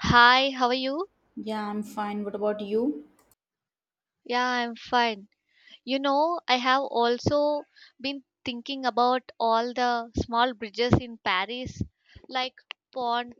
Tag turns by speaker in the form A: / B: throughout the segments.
A: Hi, how are you?
B: Yeah, I'm fine. What about you?
A: Yeah, I'm fine. You know, I have also been thinking about all the small bridges in Paris, like Pont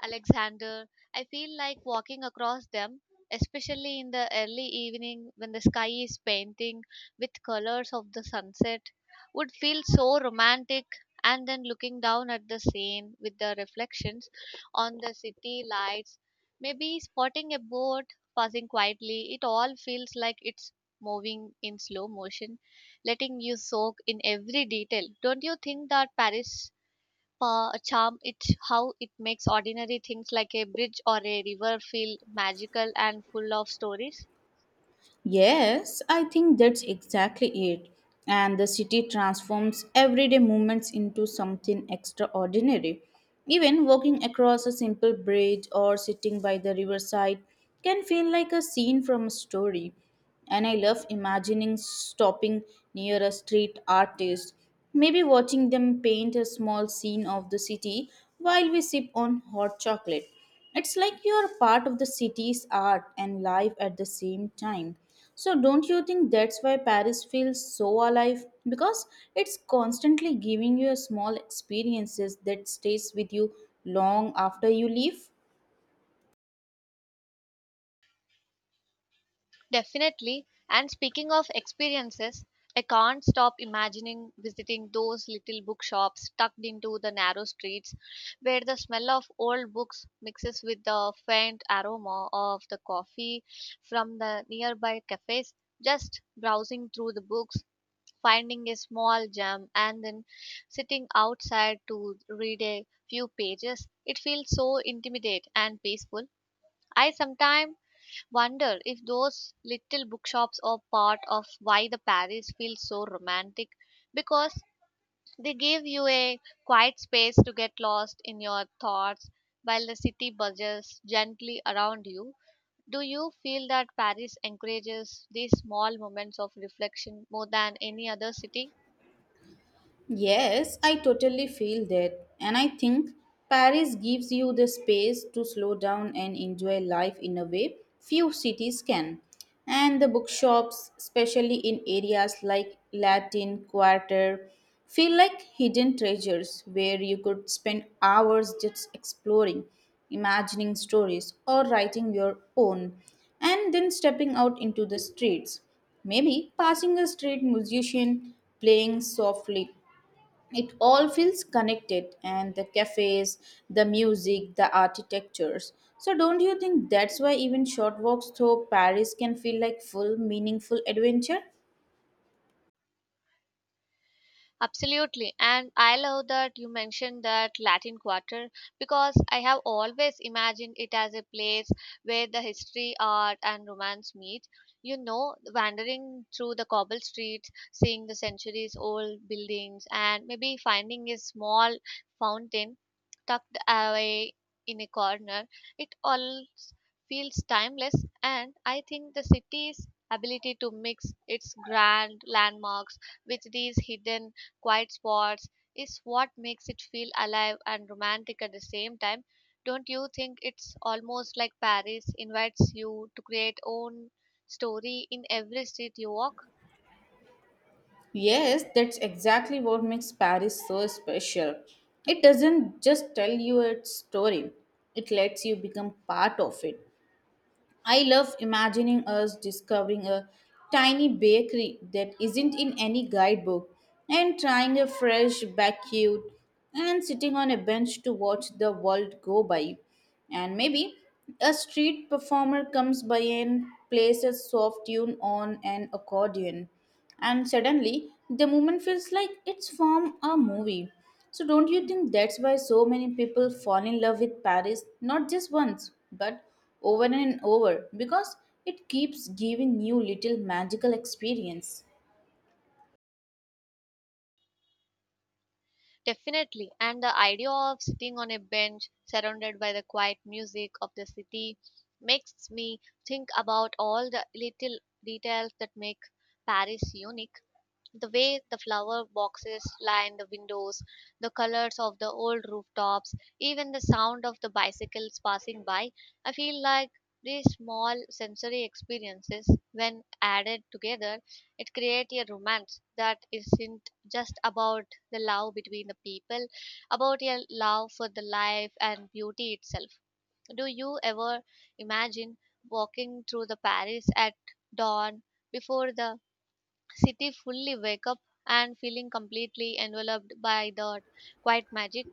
A: Alexander. I feel like walking across them, especially in the early evening when the sky is painting with colors of the sunset, would feel so romantic. And then looking down at the Seine with the reflections on the city lights, maybe spotting a boat passing quietly, it all feels like it's moving in slow motion, letting you soak in every detail. Don't you think that Paris charm it's how it makes ordinary things like a bridge or a river feel magical and full of stories?
B: Yes, I think that's exactly it. And the city transforms everyday movements into something extraordinary. Even walking across a simple bridge or sitting by the riverside can feel like a scene from a story. And I love imagining stopping near a street artist, maybe watching them paint a small scene of the city while we sip on hot chocolate. It's like you are part of the city's art and life at the same time. So, don't you think that's why Paris feels so alive? Because it's constantly giving you small experiences that stays with you long after you leave.
A: Definitely. And speaking of experiences, I can't stop imagining visiting those little bookshops tucked into the narrow streets where the smell of old books mixes with the faint aroma of the coffee from the nearby cafes, just browsing through the books, finding a small gem, and then sitting outside to read a few pages. It feels so intimate and peaceful. I sometimes wonder if those little bookshops are part of why the Paris feels so romantic, because they give you a quiet space to get lost in your thoughts while the city buzzes gently around you. Do you feel that Paris encourages these small moments of reflection more than any other city?
B: Yes, I totally feel that. And I think Paris gives you the space to slow down and enjoy life in a way few cities can. And the bookshops, especially in areas like Latin Quarter, feel like hidden treasures where you could spend hours just exploring, imagining stories, or writing your own, and then stepping out into the streets. Maybe passing a street musician playing softly, it all feels connected. And the cafes, the music, the architectures. So don't you think that's why even short walks through Paris can feel like full meaningful adventure?
A: Absolutely. And I love that you mentioned that Latin Quarter, because I have always imagined it as a place where the history, art, and romance meet. You know, wandering through the cobble streets, seeing the centuries old buildings, and maybe finding a small fountain tucked away in a corner. It all feels timeless, and I think the city's ability to mix its grand landmarks with these hidden quiet spots is what makes it feel alive and romantic at the same time. Don't you think it's almost like Paris invites you to create own story in every street you walk?
B: Yes, that's exactly what makes Paris so special. It doesn't just tell you its story, it lets you become part of it. I love imagining us discovering a tiny bakery that isn't in any guidebook and trying a fresh baked and sitting on a bench to watch the world go by. And maybe a street performer comes by and plays a soft tune on an accordion, and suddenly the movement feels like it's from a movie. So, don't you think that's why so many people fall in love with Paris not just once but over and over, because it keeps giving you little magical experience?
A: Definitely. And the idea of sitting on a bench surrounded by the quiet music of the city makes me think about all the little details that make Paris unique. The way the flower boxes line the windows, the colors of the old rooftops, even the sound of the bicycles passing by. I feel like these small sensory experiences, when added together, it creates a romance that isn't just about the love between the people, about your love for the life and beauty itself. Do you ever imagine walking through the Paris at dawn before the city fully wake up and feeling completely enveloped by the quiet magic?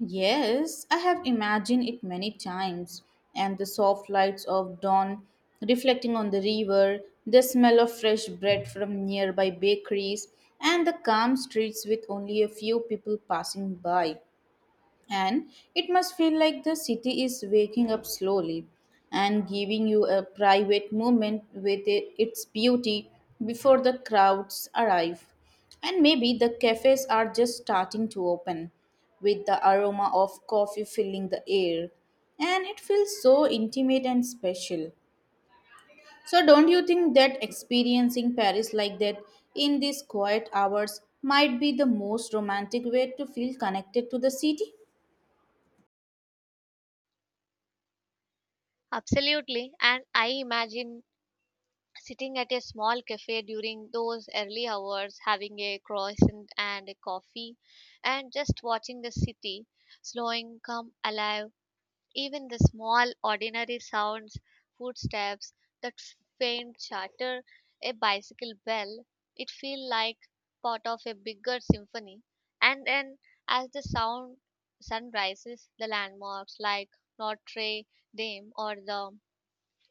B: Yes, I have imagined it many times, and the soft lights of dawn reflecting on the river, the smell of fresh bread from nearby bakeries, and the calm streets with only a few people passing by, and it must feel like the city is waking up slowly and giving you a private moment with its beauty before the crowds arrive. And maybe the cafes are just starting to open with the aroma of coffee filling the air, and it feels so intimate and special. So, don't you think that experiencing Paris like that in these quiet hours might be the most romantic way to feel connected to the city?
A: Absolutely. And I imagine sitting at a small cafe during those early hours, having a croissant and a coffee, and just watching the city slowing come alive. Even the small, ordinary sounds, footsteps, that faint chatter, a bicycle bell, it feels like part of a bigger symphony. And then, as the sound sun rises, the landmarks like Notre Dame or the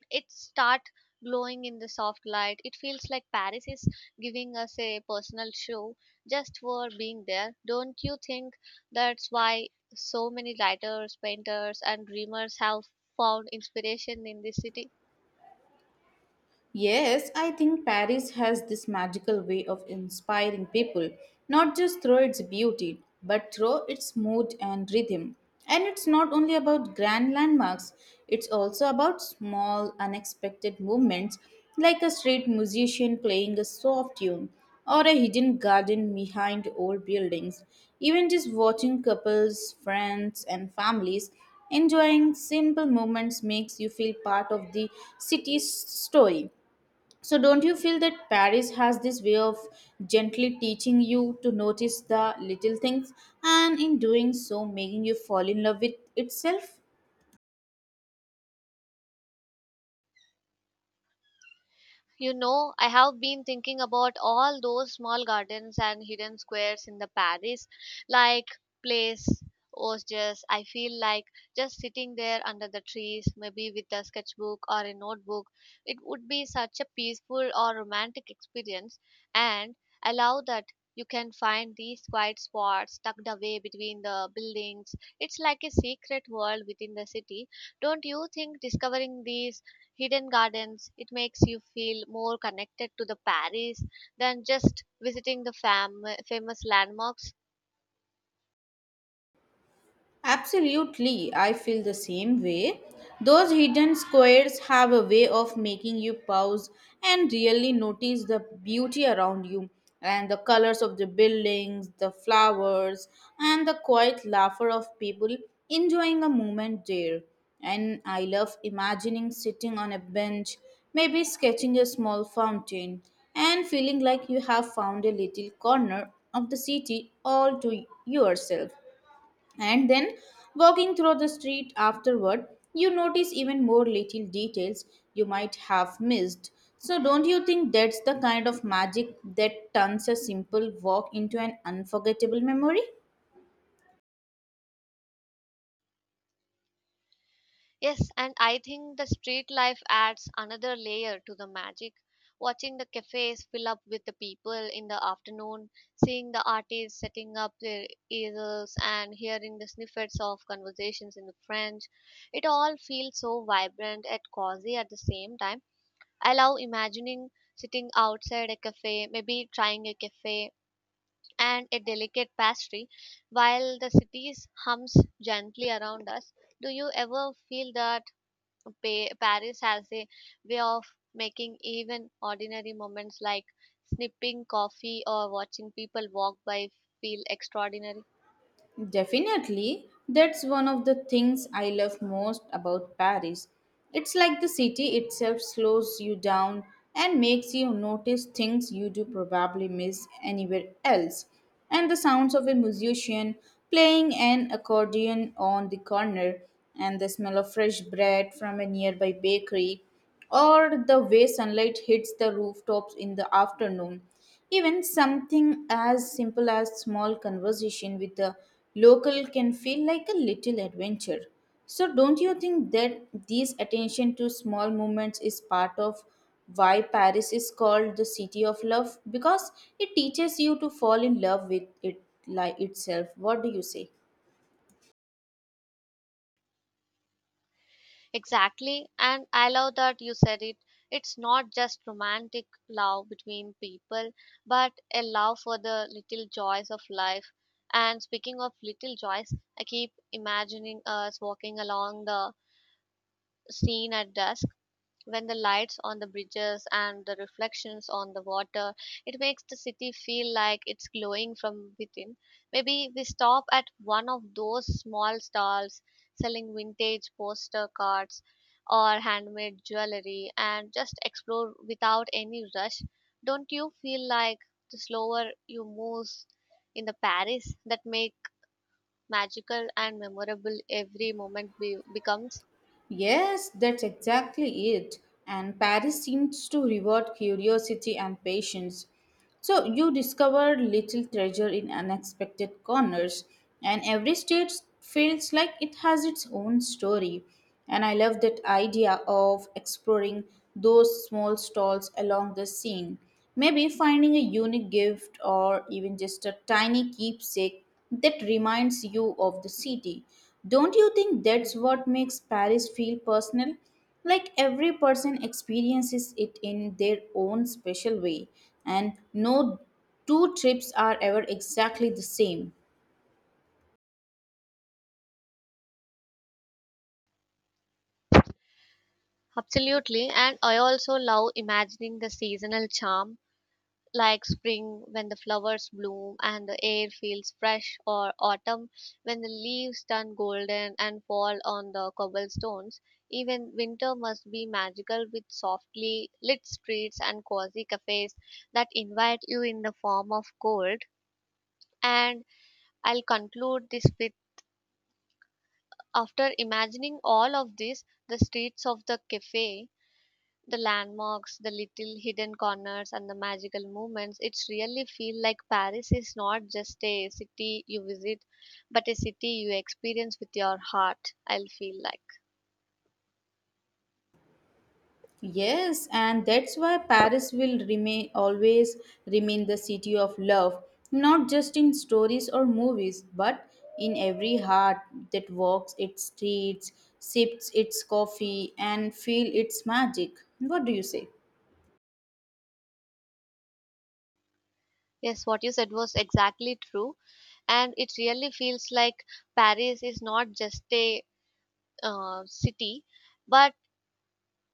A: it start glowing in the soft light, it feels like Paris is giving us a personal show just for being there. Don't you think that's why so many writers, painters, and dreamers have found inspiration in this city?
B: Yes, I think Paris has this magical way of inspiring people, not just through its beauty, but through its mood and rhythm. And it's not only about grand landmarks, it's also about small, unexpected movements like a street musician playing a soft tune or a hidden garden behind old buildings. Even just watching couples, friends, and families enjoying simple moments makes you feel part of the city's story. So, don't you feel that Paris has this way of gently teaching you to notice the little things and in doing so making you fall in love with itself?
A: You know, I have been thinking about all those small gardens and hidden squares in the Paris, like place was just I feel like just sitting there under the trees, maybe with a sketchbook or a notebook. It would be such a peaceful or romantic experience, and allow that you can find these quiet spots tucked away between the buildings. It's like a secret world within the city. Don't you think discovering these hidden gardens it makes you feel more connected to the Paris than just visiting the famous landmarks?
B: Absolutely, I feel the same way. Those hidden squares have a way of making you pause and really notice the beauty around you, and the colors of the buildings, the flowers, and the quiet laughter of people enjoying a moment there. And I love imagining sitting on a bench, maybe sketching a small fountain, and feeling like you have found a little corner of the city all to yourself. And then, walking through the street afterward, you notice even more little details you might have missed. So, don't you think that's the kind of magic that turns a simple walk into an unforgettable memory?
A: Yes, and I think the street life adds another layer to the magic, watching the cafes fill up with the people in the afternoon, seeing the artists setting up their easels, and hearing the snippets of conversations in the French. It all feels so vibrant and cozy at the same time. I love imagining sitting outside a cafe, maybe trying a cafe and a delicate pastry while the city's hums gently around us. Do you ever feel that Paris has a way of making even ordinary moments like snipping coffee or watching people walk by feel extraordinary?
B: Definitely, that's one of the things I love most about Paris. It's like the city itself slows you down and makes you notice things you do probably miss anywhere else. And the sounds of a musician playing an accordion on the corner, and the smell of fresh bread from a nearby bakery, or the way sunlight hits the rooftops in the afternoon. Even something as simple as small conversation with a local can feel like a little adventure. So don't you think that this attention to small moments is part of why Paris is called the city of love, because it teaches you to fall in love with it like itself. What do you say?
A: Exactly, and I love that you said it. It's not just romantic love between people, but a love for the little joys of life. And speaking of little joys, I keep imagining us walking along the scene at dusk when the lights on the bridges and the reflections on the water it makes the city feel like it's glowing from within. Maybe we stop at one of those small stalls selling vintage poster cards or handmade jewelry and just explore without any rush. Don't you feel like the slower you move in the Paris that make magical and memorable every moment becomes?
B: Yes, that's exactly it. And Paris seems to reward curiosity and patience. So you discover little treasure in unexpected corners, and every state feels like it has its own story. And I love that idea of exploring those small stalls along the Seine. Maybe finding a unique gift or even just a tiny keepsake that reminds you of the city. Don't you think that's what makes Paris feel personal? Like every person experiences it in their own special way, and no two trips are ever exactly the same.
A: Absolutely, and I also love imagining the seasonal charm, like spring when the flowers bloom and the air feels fresh, or autumn when the leaves turn golden and fall on the cobblestones. Even winter must be magical with softly lit streets and cozy cafes that invite you in the form of cold. And I'll conclude this with, after imagining all of this, the streets of the cafe, the landmarks, the little hidden corners, and the magical moments, it really feels like Paris is not just a city you visit, but a city you experience with your heart. I'll feel like.
B: Yes, and that's why Paris will remain, always remain the city of love, not just in stories or movies, but in every heart that walks its streets, sips its coffee, and feel its magic. What do you say?
A: Yes, what you said was exactly true. And it really feels like Paris is not just a city, but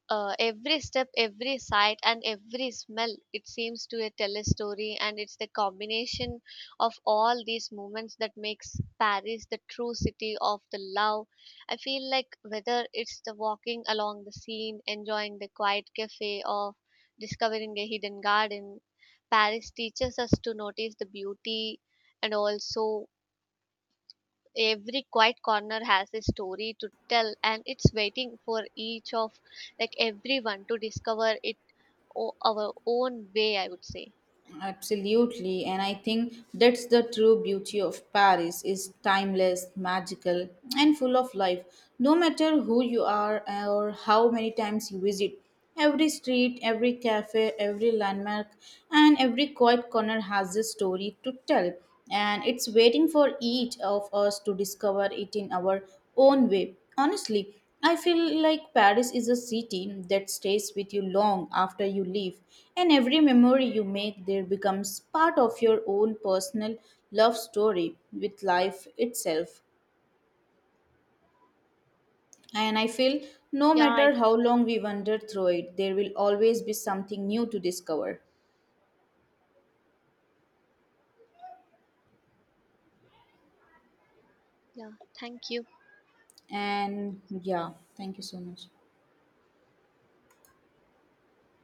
A: every step, every sight, and every smell, it seems to tell a story, and it's the combination of all these moments that makes Paris the true city of the love. I feel like whether it's the walking along the Seine, enjoying the quiet cafe, or discovering a hidden garden, Paris teaches us to notice the beauty and also every quiet corner has a story to tell and it's waiting for each of like everyone to discover it our own way I would say.
B: Absolutely, and I think that's the true beauty of Paris is timeless, magical, and full of life. No matter who you are or how many times you visit, every street, every cafe, every landmark, and every quiet corner has a story to tell, and it's waiting for each of us to discover it in our own way. Honestly, I feel like Paris is a city that stays with you long after you leave, and every memory you make there becomes part of your own personal love story with life itself. And I feel no
A: yeah I,
B: matter how long we wander through it, there will always be something new to discover.
A: yeah, thank you.
B: And yeah, thank you so much.